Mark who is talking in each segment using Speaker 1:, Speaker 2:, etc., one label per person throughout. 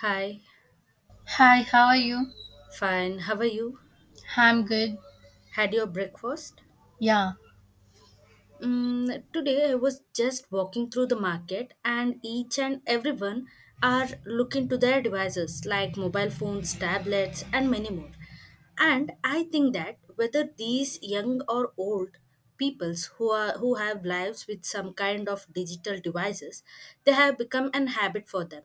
Speaker 1: Hi,
Speaker 2: Hi, how are you?
Speaker 1: fine. How are you?
Speaker 2: I'm good.
Speaker 1: Had your breakfast?
Speaker 2: Yeah,
Speaker 1: Today I was just walking through the market, and each and everyone are looking to their devices like mobile phones, tablets and many more. And I think that whether these young or old peoples who have lives with some kind of digital devices, they have become an habit for them.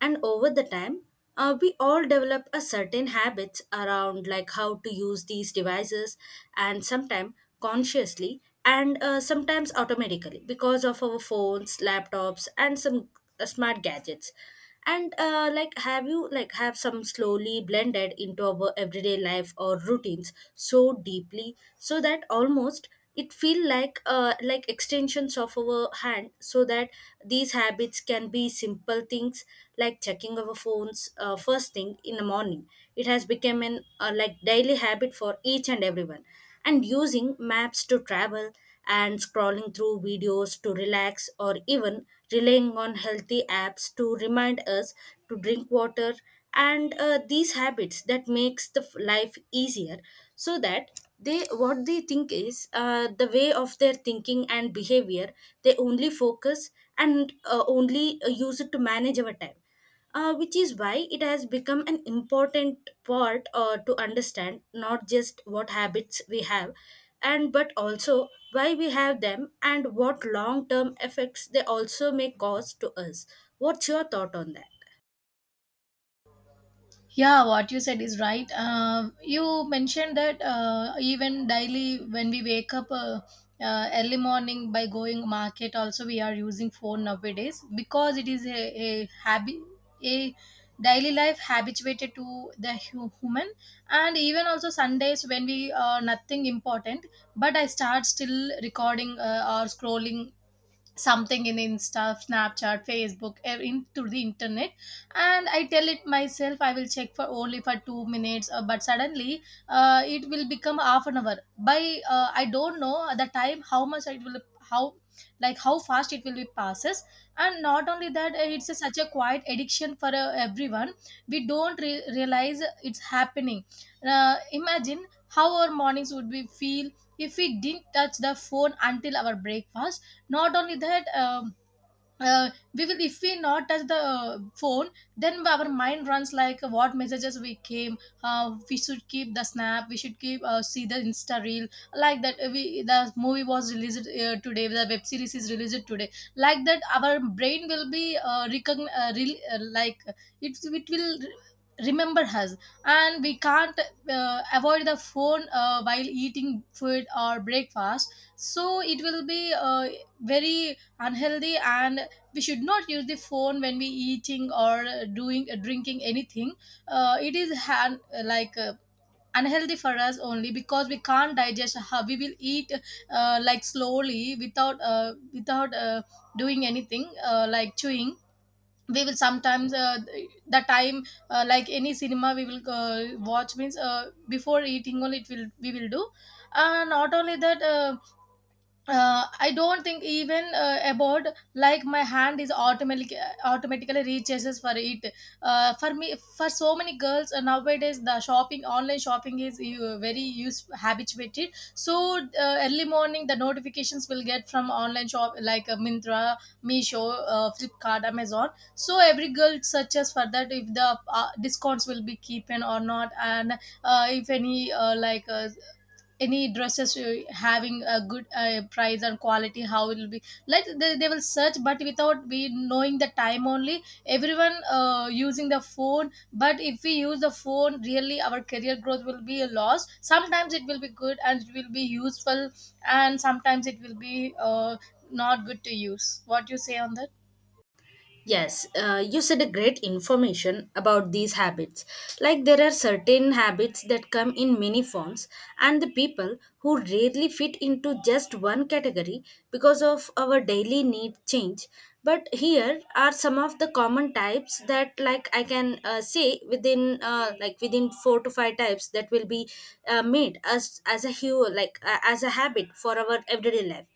Speaker 1: And over the time, we all develop a certain habits around like how to use these devices, and sometimes consciously and sometimes automatically because of our phones, laptops and some smart gadgets, and like have you like have some slowly blended into our everyday life or routines so deeply so that almost it feel like extensions of our hand, so that these habits can be simple things like checking our phones first thing in the morning. It has become an like daily habit for each and everyone, and using maps to travel, and scrolling through videos to relax, or even relying on healthy apps to remind us to drink water. And these habits that makes the life easier, so that they, what they think is, the way of their thinking and behavior, they only focus and only use it to manage our time, which is why it has become an important part to understand not just what habits we have, and but also why we have them and what long term effects they also may cause to us. What's your thought on that?
Speaker 2: yeah, what you said is right. You mentioned that even daily when we wake up early morning by going market, also we are using phone nowadays because it is a habit, a daily life habituated to the human, and even also sundays when we are nothing important, but I start still recording or scrolling something in insta snapchat facebook into the internet. And I tell it myself I will check for only for 2 minutes, but suddenly it will become half an hour by, I don't know at the time how much it will, how, like how fast it will be passes. And not only that, it's such a quiet addiction for everyone. We don't realize it's happening. Imagine how our mornings would be feel if we didn't touch the phone until our breakfast. Not only that, we will if we not touch the phone, then our mind runs like, what messages we came, we should keep the snap, we should keep see the insta reel. Like that, we the movie was released, today the web series is released today. Like that, our brain will be like it will remember us. And we can't avoid the phone while eating food or breakfast, so it will be very unhealthy. And we should not use the phone when we eating, or doing drinking anything. It is like unhealthy for us, only because we can't digest, how we will eat like slowly without doing anything, like chewing. We will sometimes, the time, like any cinema we will watch means before eating only it will we will do. And not only that, I don't think even about, like my hand is automatically reaches for it. For me, for so many girls nowadays, the shopping online shopping is very use habituated. So early morning, the notifications will get from online shop like Mintra, Meesho, Flipkart, Amazon. So every girl searches for that if the discounts will be keeping or not, and if any any dresses having a good price and quality, how it will be, like they will search. But without we knowing the time only, everyone using the phone. But if we use the phone really, our career growth will be a loss. Sometimes it will be good and it will be useful, and sometimes it will be not good to use. What you say on that?
Speaker 1: Yes, you said a great information about these habits. Like there are certain habits that come in many forms, and the people who rarely fit into just one category because of our daily need change. But here are some of the common types that, like I can say, within like within four to five types that will be made as a hue like as a habit for our everyday life.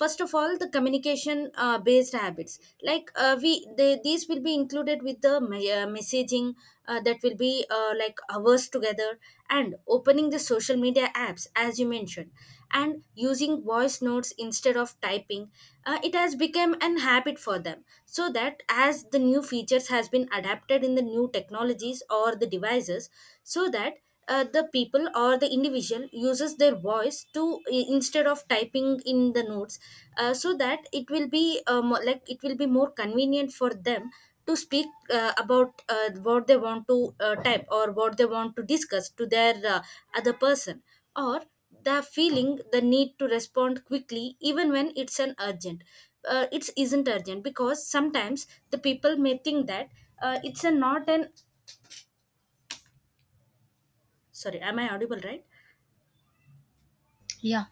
Speaker 1: First of all, the communication based habits, like these will be included with the messaging that will be like hours together, and opening the social media apps as you mentioned, and using voice notes instead of typing. It has become an habit for them, so that as the new features has been adapted in the new technologies or the devices, so that the people or the individual uses their voice to instead of typing in the notes, so that it will be more convenient for them to speak about what they want to type, or what they want to discuss to their other person. Or the feeling the need to respond quickly even when it's an urgent, it isn't urgent, because sometimes the people may think that it's a not an, sorry, am I audible right?
Speaker 2: Yeah.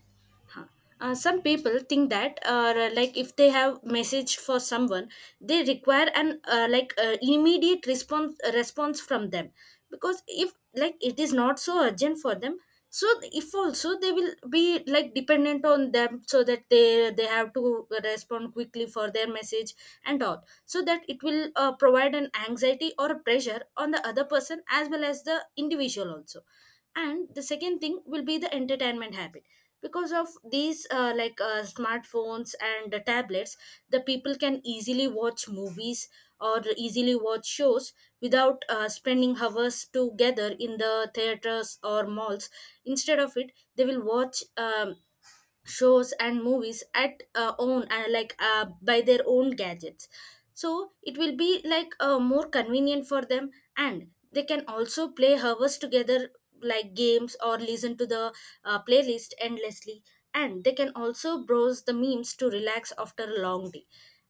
Speaker 1: Huh. Some people think that like if they have message for someone, they require an like immediate response from them. Because if like it is not so urgent for them, so if also they will be like dependent on them, so that they have to respond quickly for their message and all, so that it will provide an anxiety or a pressure on the other person as well as the individual also. And the second thing will be the entertainment habit. Because of these like smartphones and the tablets, the people can easily watch movies or easily watch shows without spending hours together in the theaters or malls. Instead of it, they will watch shows and movies at own like by their own gadgets, so it will be like more convenient for them, and they can also play hours together like games, or listen to the playlist endlessly, and they can also browse the memes to relax after a long day.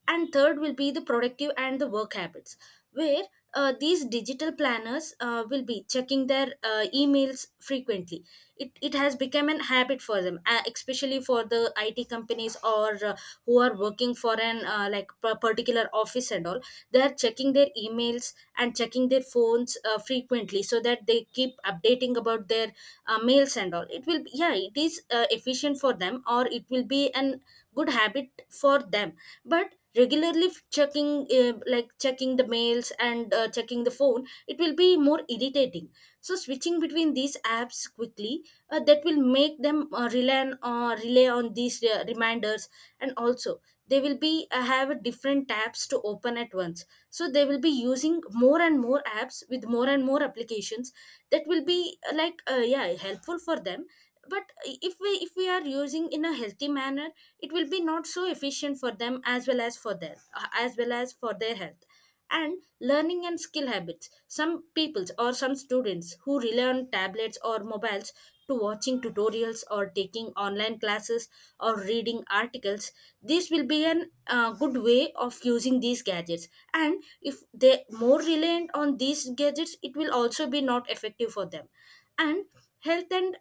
Speaker 1: And third will be the productive and the work habits, where these digital planners will be checking their emails frequently. It has become an habit for them, especially for the IT companies or who are working for an like particular office and all. They are checking their emails and checking their phones frequently, so that they keep updating about their mails, and all it will be, yeah, it is efficient for them, or it will be an good habit for them. But regularly checking, like checking the mails and checking the phone, it will be more irritating. So switching between these apps quickly, that will make them rely on these reminders. And also, they will be have different tabs to open at once, so they will be using more and more apps with more and more applications, that will be like yeah, helpful for them. But if we are using in a healthy manner, it will be not so efficient for them as well as for their health. And learning and skill habits, some peoples or some students who rely on tablets or mobiles to watching tutorials or taking online classes or reading articles, this will be an good way of using these gadgets. And if they more reliant on these gadgets, it will also be not effective for them. And health and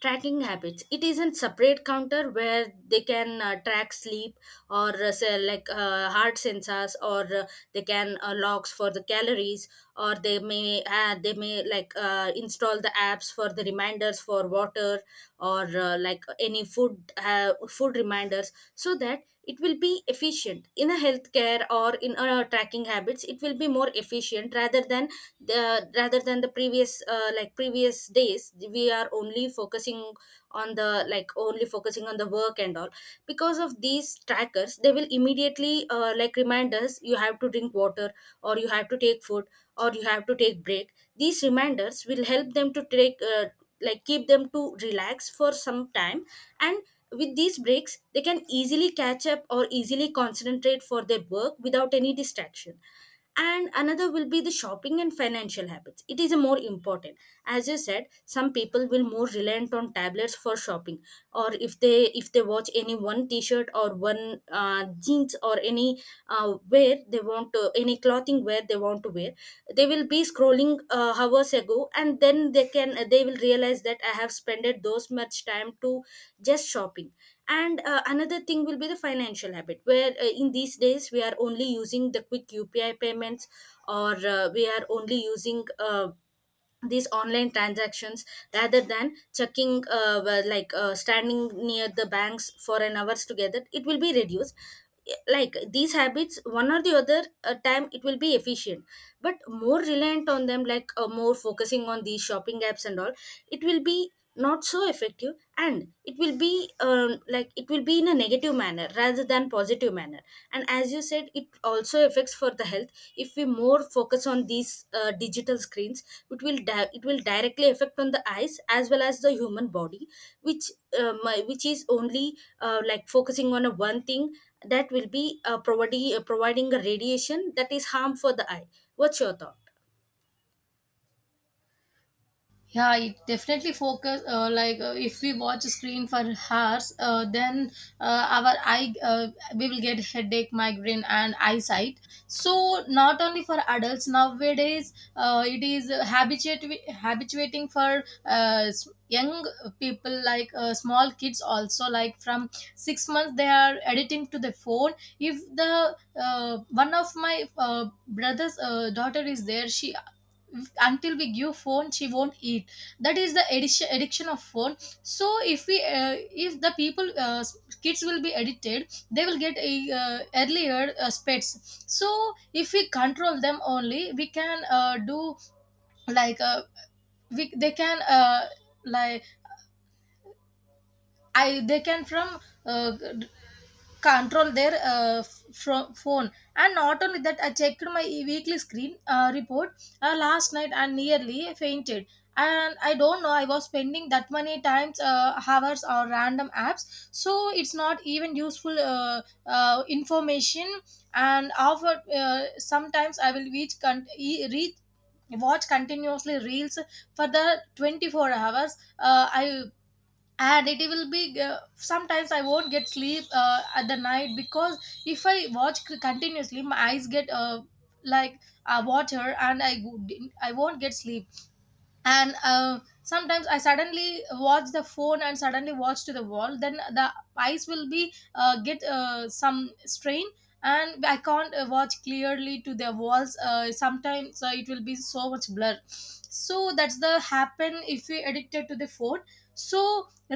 Speaker 1: tracking habits, it isn't separate counter where they can track sleep, or say, like heart sensors, or they can logs for the calories, or they may like install the apps for the reminders for water, or like any food, food reminders, so that it will be efficient in a healthcare or in a tracking habits. It will be more efficient rather than the previous, like previous days we are only focusing on the, like only focusing on the work and all. Because of these trackers, they will immediately like remind us, you have to drink water, or you have to take food, or you have to take break. These reminders will help them to take like keep them to relax for some time. And with these breaks they can easily catch up or easily concentrate for their work without any distraction. And another will be the shopping and financial habits. It is more important, as you said, some people will more reliant on tablets for shopping, or if they watch any one t-shirt or one jeans, or any wear they want to, any clothing wear they want to wear, they will be scrolling hours ago, and then they will realize that I have spent those much time to just shopping. And another thing will be the financial habit, where in these days we are only using the quick UPI payments, or we are only using these online transactions, rather than checking, well, like standing near the banks for an hours together. It will be reduced, like these habits one or the other time it will be efficient. But more reliant on them, like more focusing on these shopping apps and all, it will be not so effective, and it will be in a negative manner rather than positive manner. And as you said, it also affects for the health. If we more focus on these digital screens, it will directly affect on the eyes as well as the human body, which is only like focusing on a one thing, that will be providing a radiation that is harm for the eye. What's your thought?
Speaker 2: Yeah, it definitely focus, if we watch a screen for hours, then our eye, we will get headache, migraine and eyesight. So not only for adults nowadays, it is habituate, habituating for young people like small kids also, like from 6 months they are editing to the phone. If the one of my brother's daughter is there, she, until we give phone she won't eat. That is the addiction of phone. So if we if the people kids will be addicted, they will get a earlier pets. So if we control them only we can do, like they can like, I they can from uh, control their phone. And not only that, I checked my weekly screen report last night, and nearly fainted. And I don't know I was spending that many times hours on random apps, so it's not even useful, information. And after, sometimes I will reach con- e- read watch continuously reels for the 24 hours. I And it will be, sometimes I won't get sleep at the night, because if I watch continuously my eyes get like water, and I won't get sleep. And sometimes I suddenly watch the phone and suddenly watch to the wall, then the eyes will be get some strain. And I can't watch clearly to the walls sometimes, it will be so much blur. So that's the happen if we addicted to the phone. So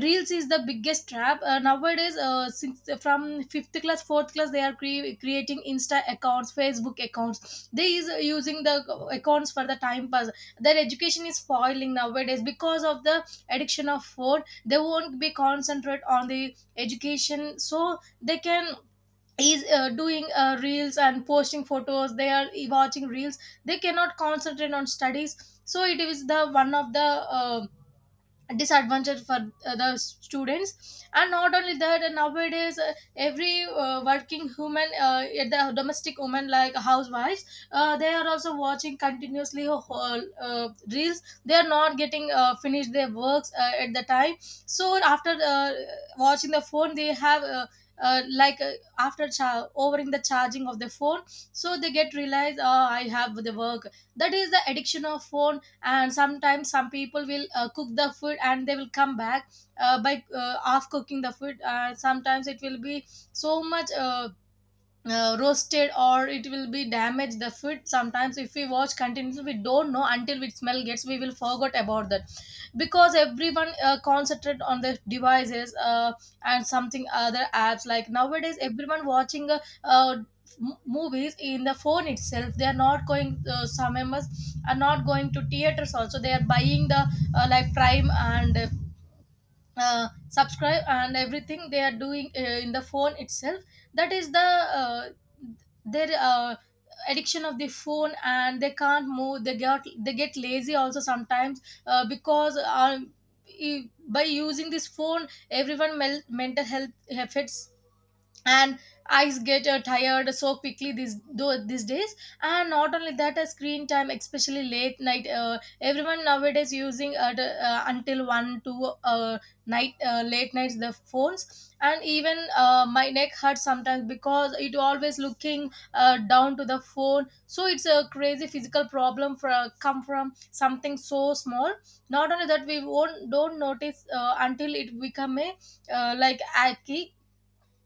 Speaker 2: reels is the biggest trap nowadays, since from fifth class, fourth class, they are creating insta accounts, facebook accounts, they is using the accounts for the time pass. Their education is spoiling nowadays because of the addiction of phone, they won't be concentrate on the education, so they can is doing reels and posting photos, they are watching reels, they cannot concentrate on studies. So it is the one of the uh, disadvantage for the students. And not only that, nowadays every working human at the domestic woman like housewives, they are also watching continuously a whole reels, they are not getting finished their works at the time. So after watching the phone they have uh, like uh, after overing the charging of the phone, so they get realized, oh I have the work. That is the addiction of phone. And sometimes some people will cook the food and they will come back by off cooking the food, sometimes it will be so much roasted, or it will be damaged the food. Sometimes if we watch continuously we don't know until we smell gets, we will forget about that, because everyone concentrate on their devices. And something other apps, like nowadays everyone watching uh, movies in the phone itself, they are not going, some members are not going to theaters also, they are buying the like prime and subscribe and everything they are doing in the phone itself. That is the uh, their addiction of the phone. And they can't move, they get lazy also sometimes, because by using this phone, everyone mental health affects, and eyes get tired so quickly these though these days. And not only that, screen time especially late night, everyone nowadays using until 1 2 night, late nights the phones. And even my neck hurts sometimes, because it always looking down to the phone. So it's a crazy physical problem for come from something so small. Not only that, we won't don't notice until it become a like achy.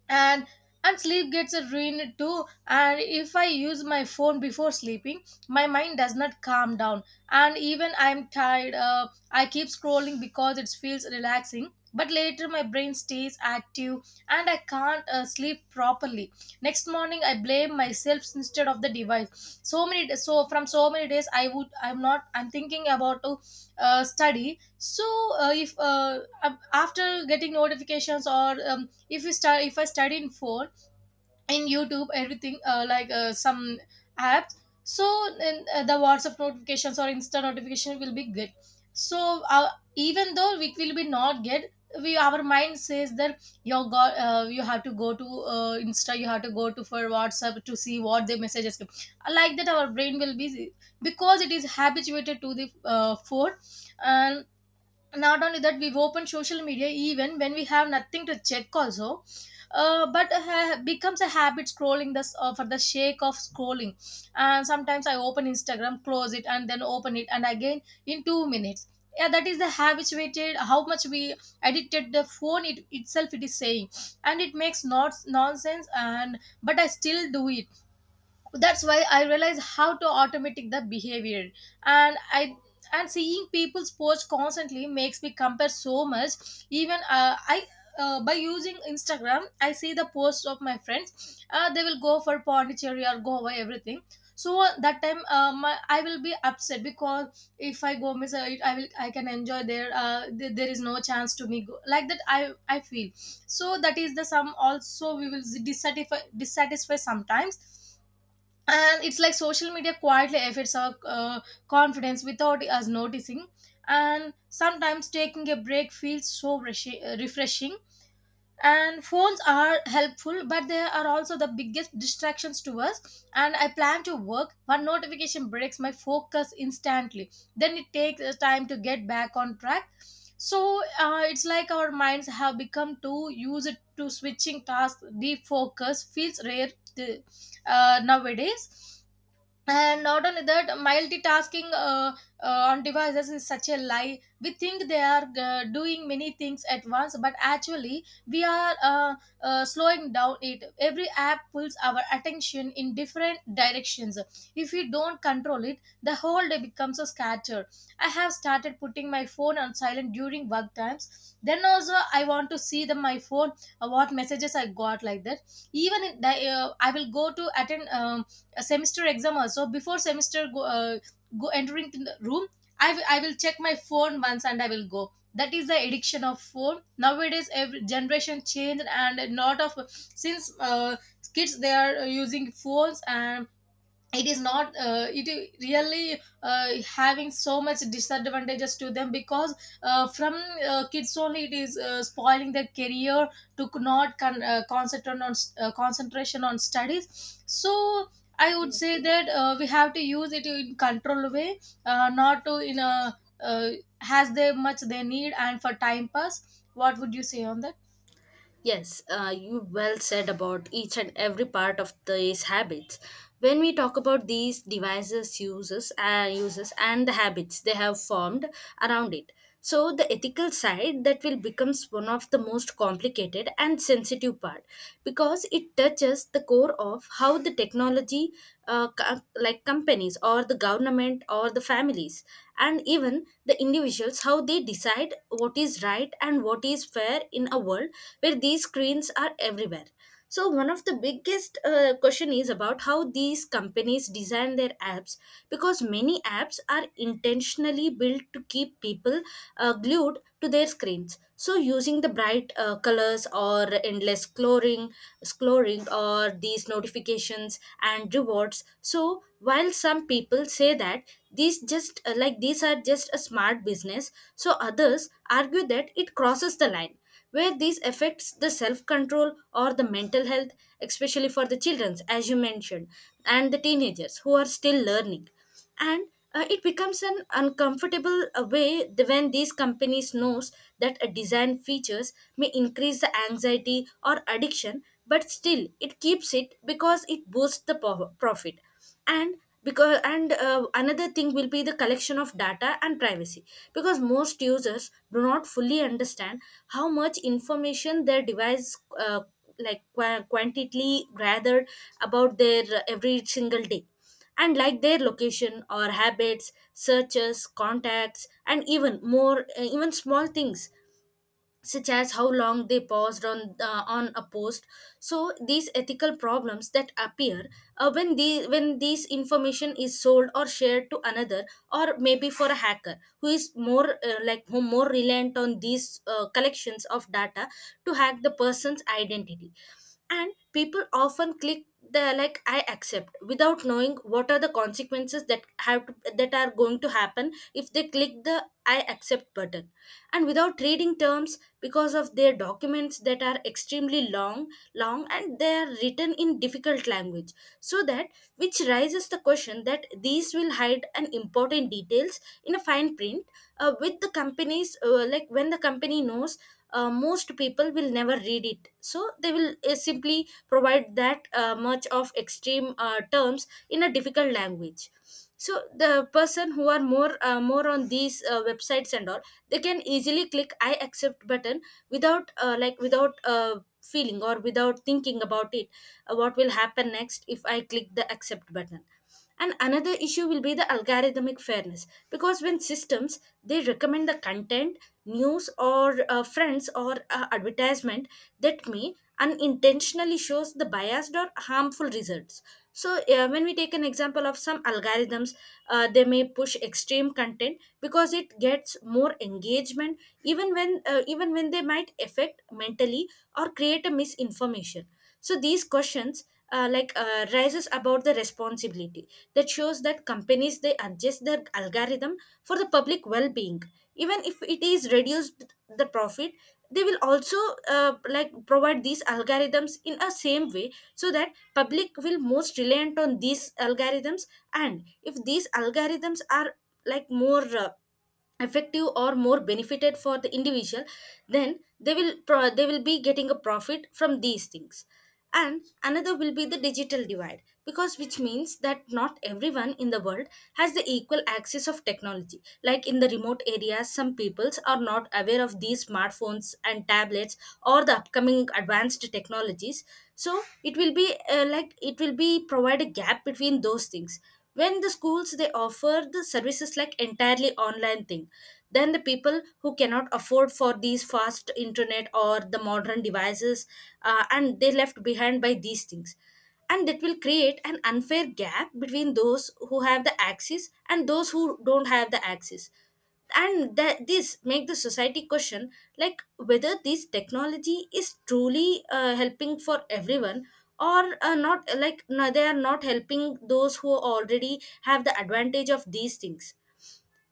Speaker 2: and and sleep gets ruined too. And if I use my phone before sleeping my mind does not calm down, and even I'm tired, I keep scrolling because it feels relaxing, but later my brain stays active and I can't sleep properly. Next morning I blame myself instead of the device. So many, so from so many days I would I'm not I'm thinking about to study. So if af- after getting notifications, or if you start if I study in phone, in youtube everything, some apps, so then, the whatsapp notifications or insta notification will be good. So even though we will be not get, we our mind says that, you got, you have to go to insta, you have to go to for whatsapp to see what the messages come. Like that our brain will be, because it is habituated to the phone. And not only that, we've opened social media even when we have nothing to check also, but becomes a habit scrolling this for the sake of scrolling. And sometimes I open instagram, close it, and then open it and again in 2 minutes. Yeah, that is the habituated, how much we edited the phone, itself it is saying. And it makes not nonsense, and but I still do it. That's why I realize how to automatic the behavior. And i, and seeing people's posts constantly makes me compare so much. Even I by using instagram I see the posts of my friends, they will go for pondicherry or goa everything. So that time, I will be upset, because if I go miss it, I will I can enjoy there, there is no chance to me go. Like that I feel. So that is the sum also we will dissatisfy sometimes. And it's like social media quietly affects our confidence without us noticing. And sometimes taking a break feels so refreshing. And phones are helpful, but they are also the biggest distractions to us, and I plan to work. One notification breaks my focus instantly, then it takes time to get back on track. So it's like our minds have become too used to switching tasks. Deep focus feels rare th- nowadays. And not only that, multitasking on devices is such a lie. We think they are doing many things at once, but actually we are slowing down it. Every app pulls our attention in different directions. If we don't control it, the whole day becomes a scatter. I have started putting my phone on silent during work times, then also I want to see the my phone, what messages I got, like that. Even I will go to attend a semester exam also. Before semester go entering the room, I will check my phone once and I will go. That is the addiction of phone nowadays. Every generation changed, and a lot of, since kids, they are using phones. And it is not it really having so much disadvantages to them, because from kids only, it is spoiling their career to c- not con- concentrate on concentration on studies. So I would say that we have to use it in controlled way, not to in a uh, has they much they need and for time pass. What would you say on that?
Speaker 1: Yes, you well said about each and every part of these habits. When we talk about these devices, uses, and the habits they have formed around it, so the ethical side that will becomes one of the most complicated and sensitive part because it touches the core of how the technology, like companies or the government or the families, and even the individuals how they decide what is right and what is fair in a world where these screens are everywhere. So one of the biggest question is about how these companies design their apps, because many apps are intentionally built to keep people glued to their screens, so using the bright colors or endless scrolling or these notifications and rewards. So while some people say that these just like these are just a smart business, so others argue that it crosses the line where this affects the self control or the mental health, especially for the children, as you mentioned, and the teenagers who are still learning. And it becomes an uncomfortable way when these companies knows that a design features may increase the anxiety or addiction, but still it keeps it because it boosts the profit. And because and another thing will be the collection of data and privacy, because most users do not fully understand how much information their device like quantitatively gathered about their every single day, and like their location or habits, searches, contacts, and even more, even small things such as how long they paused on a post. So these ethical problems that appear when the when this information is sold or shared to another, or maybe for a hacker who is more like who more reliant on these collections of data to hack the person's identity. And people often click the like I accept without knowing what are the consequences that that are going to happen if they click the I accept button, and without reading terms because of their documents that are extremely long and they are written in difficult language. So that which raises the question that these will hide an important details in a fine print, with the companies, like when the company knows most people will never read it, so they will simply provide that much of extreme terms in a difficult language. So the person who are more more on these websites and all, they can easily click I accept button without like without feeling, or without thinking about it, what will happen next if I click the accept button. And another issue will be the algorithmic fairness, because when systems they recommend the content, news, or friends, or advertisement, that may unintentionally shows the biased or harmful results. So, when we take an example of some algorithms, they may push extreme content because it gets more engagement, even when they might affect mentally or create a misinformation. So these questions rises about the responsibility that shows that companies they adjust their algorithm for the public well-being, even if it is reduced the profit. They will also like provide these algorithms in a same way so that public will most reliant on these algorithms. And if these algorithms are like more effective or more benefited for the individual, then they will they will be getting a profit from these things. And another will be the digital divide, because which means that not everyone in the world has the equal access of technology, like in the remote areas some peoples are not aware of these smartphones and tablets or the upcoming advanced technologies. So it will be like it will be provide a gap between those things when the schools they offer the services like entirely online thing. Then the people who cannot afford for these fast internet or the modern devices, and they left behind by these things, and that will create an unfair gap between those who have the access and those who don't have the access. And that this make the society question, like whether this technology is truly helping for everyone, or not, like no, they are not helping those who already have the advantage of these things.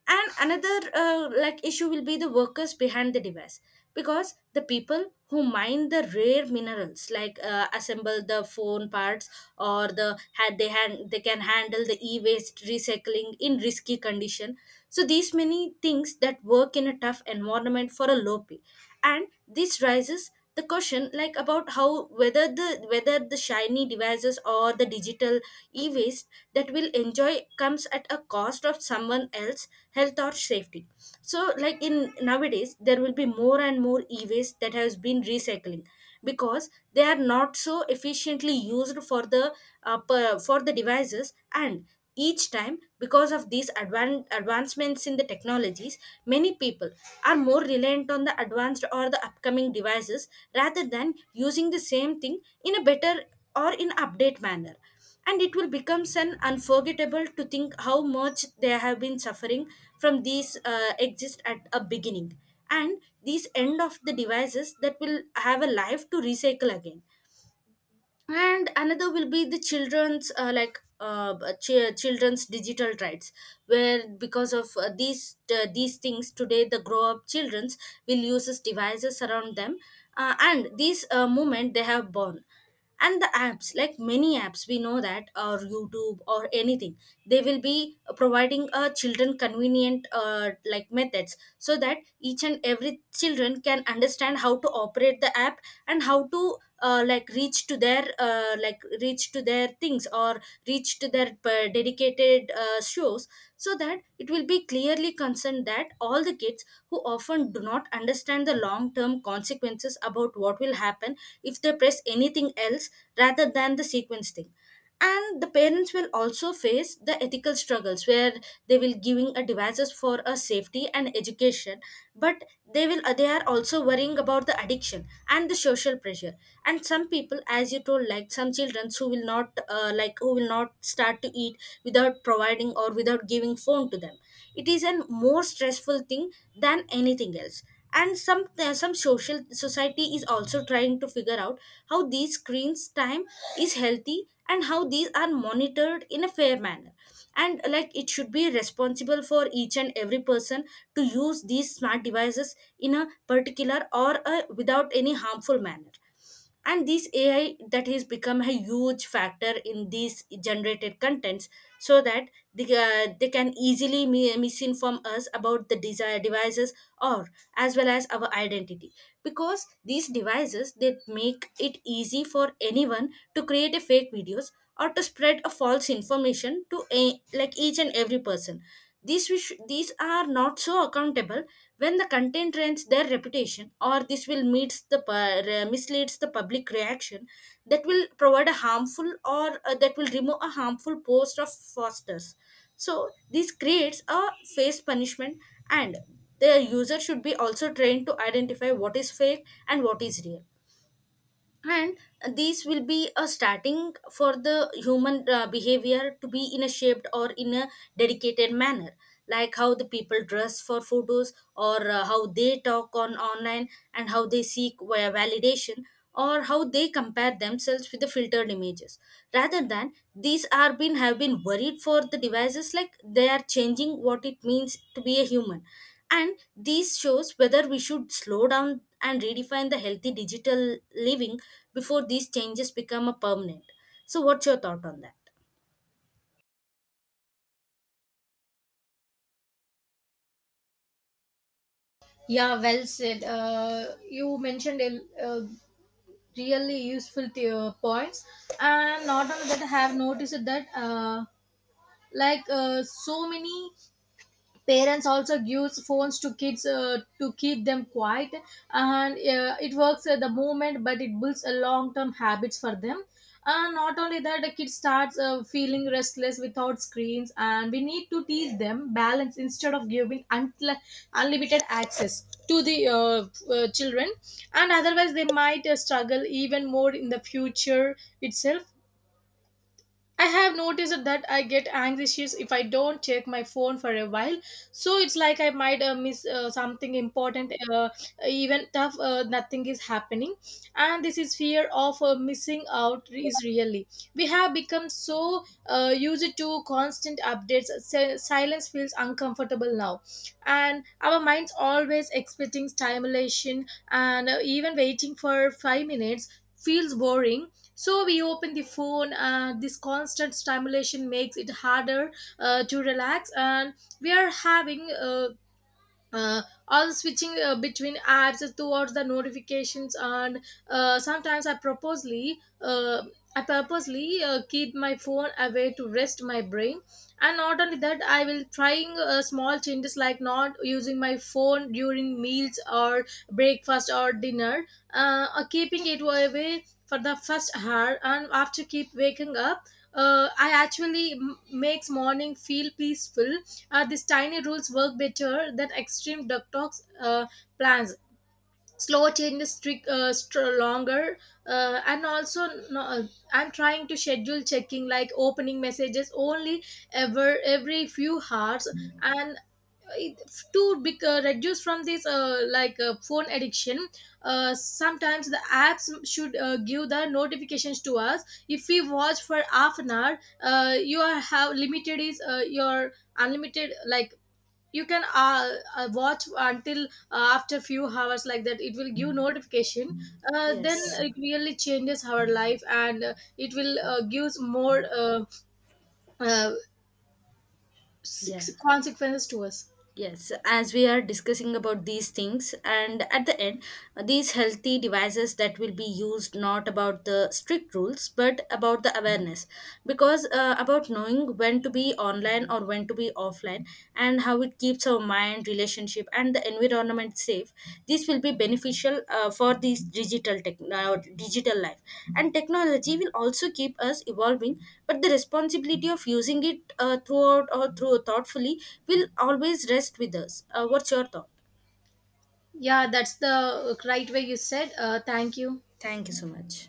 Speaker 1: And another like issue will be the workers behind the device, because the people who mine the rare minerals, like assemble the phone parts, or they can handle the e-waste recycling in risky condition. So these many things that work in a tough environment for a low pay, and this rises the question like about how, whether the, whether the shiny devices or the digital e-waste that we'll enjoy comes at a cost of someone else health or safety. So like in nowadays there will be more and more e-waste that has been recycling, because they are not so efficiently used for the for the devices. And each time, because of these advancements in the technologies, many people are more reliant on the advanced or the upcoming devices rather than using the same thing in a better or in update manner. And it will become an unforgettable to think how much they have been suffering from these exist at a beginning, and these end of the devices that will have a life to recycle again. And another will be the children's children's digital rights, where because of these things today the grow up children's will use these devices around them. And this movement they have born, and the apps, like many apps we know that, or YouTube or anything, they will be providing children convenient like methods, so that each and every children can understand how to operate the app, and how to like reach to their things, or reach to their dedicated shows. So that it will be clearly concerned that all the kids who often do not understand the long term consequences about what will happen if they press anything else rather than the sequence thing. And the parents will also face the ethical struggles, where they will giving a devices for a safety and education, but they will, they are also worrying about the addiction and the social pressure. And some people, as you told, like some children who will not like who will not start to eat without providing or without giving phone to them, it is a more stressful thing than anything else. And some social society is also trying to figure out how these screens time is healthy and how these are monitored in a fair manner. And like it should be responsible for each and every person to use these smart devices in a particular, or a, without any harmful manner. And this AI that has become a huge factor in these generated contents, so that they can easily misinform us about the desire devices, or as well as our identity, because these devices they make it easy for anyone to create a fake videos or to spread a false information to a, like each and every person. These, which these are not so accountable when the content rents their reputation, or this will meets the misleads the public reaction, that will provide a harmful, or that will remove a harmful post of fosters. So this creates a face punishment. And the user should be also trained to identify what is fake and what is real, and these will be a starting for the human behavior to be in a shaped or in a dedicated manner, like how the people dress for photos, or how they talk on online, and how they seek via validation, or how they compare themselves with the filtered images, rather than these are been have been worried for the devices, like they are changing what it means to be a human. And these shows whether we should slow down and redefine the healthy digital living before these changes become a permanent. So what's your thought on that?
Speaker 2: Yeah, well said. You mentioned a, uh, really useful points. And not only that, I have noticed that so many parents also gives phones to kids to keep them quiet. And it works at the moment, but it builds a long term habits for them. And not only that, the kid starts feeling restless without screens, and we need to teach them balance instead of giving unlimited access to the children. And otherwise they might struggle even more in the future itself. I have noticed that I get anxious if I don't check my phone for a while. So it's like I might miss something important, even tough, nothing is happening. And this is fear of missing out is really. We have become so used to constant updates. Silence feels uncomfortable now. And our minds always expecting stimulation, and even waiting for 5 minutes feels boring, so we open the phone. This constant stimulation makes it harder to relax, and we are having uh, all switching between apps towards the notifications. And sometimes I purposely keep my phone away to rest my brain. And not only that, I will trying small changes, like not using my phone during meals or breakfast or dinner, or keeping it away for the first hour and after keep waking up. I makes morning feel peaceful. These tiny rules work better than extreme detox plans. Slow changes strict, longer, and also no, I'm trying to schedule checking, like opening messages only ever every few hours, and it, to be, reduce from this phone addiction. Sometimes the apps should give the notifications to us. If we watch for half an hour, you are have limited is your unlimited, like you can watch until after few hours, like that it will give notification. Then
Speaker 1: Yes.
Speaker 2: it really changes our life, and it will gives more uh,
Speaker 1: Yeah.
Speaker 2: consequences to us.
Speaker 1: Yes, as we are discussing about these things, and at the end, these healthy devices that will be used not about the strict rules but about the awareness, because about knowing when to be online or when to be offline, and how it keeps our mind, relationship and the environment safe. This will be beneficial for this digital tech digital life. And technology will also keep us evolving, but the responsibility of using it throughout or through thoughtfully will always rest with us. What's your thought?
Speaker 2: Yeah, that's the right way you said. Thank you.
Speaker 1: Thank you so much.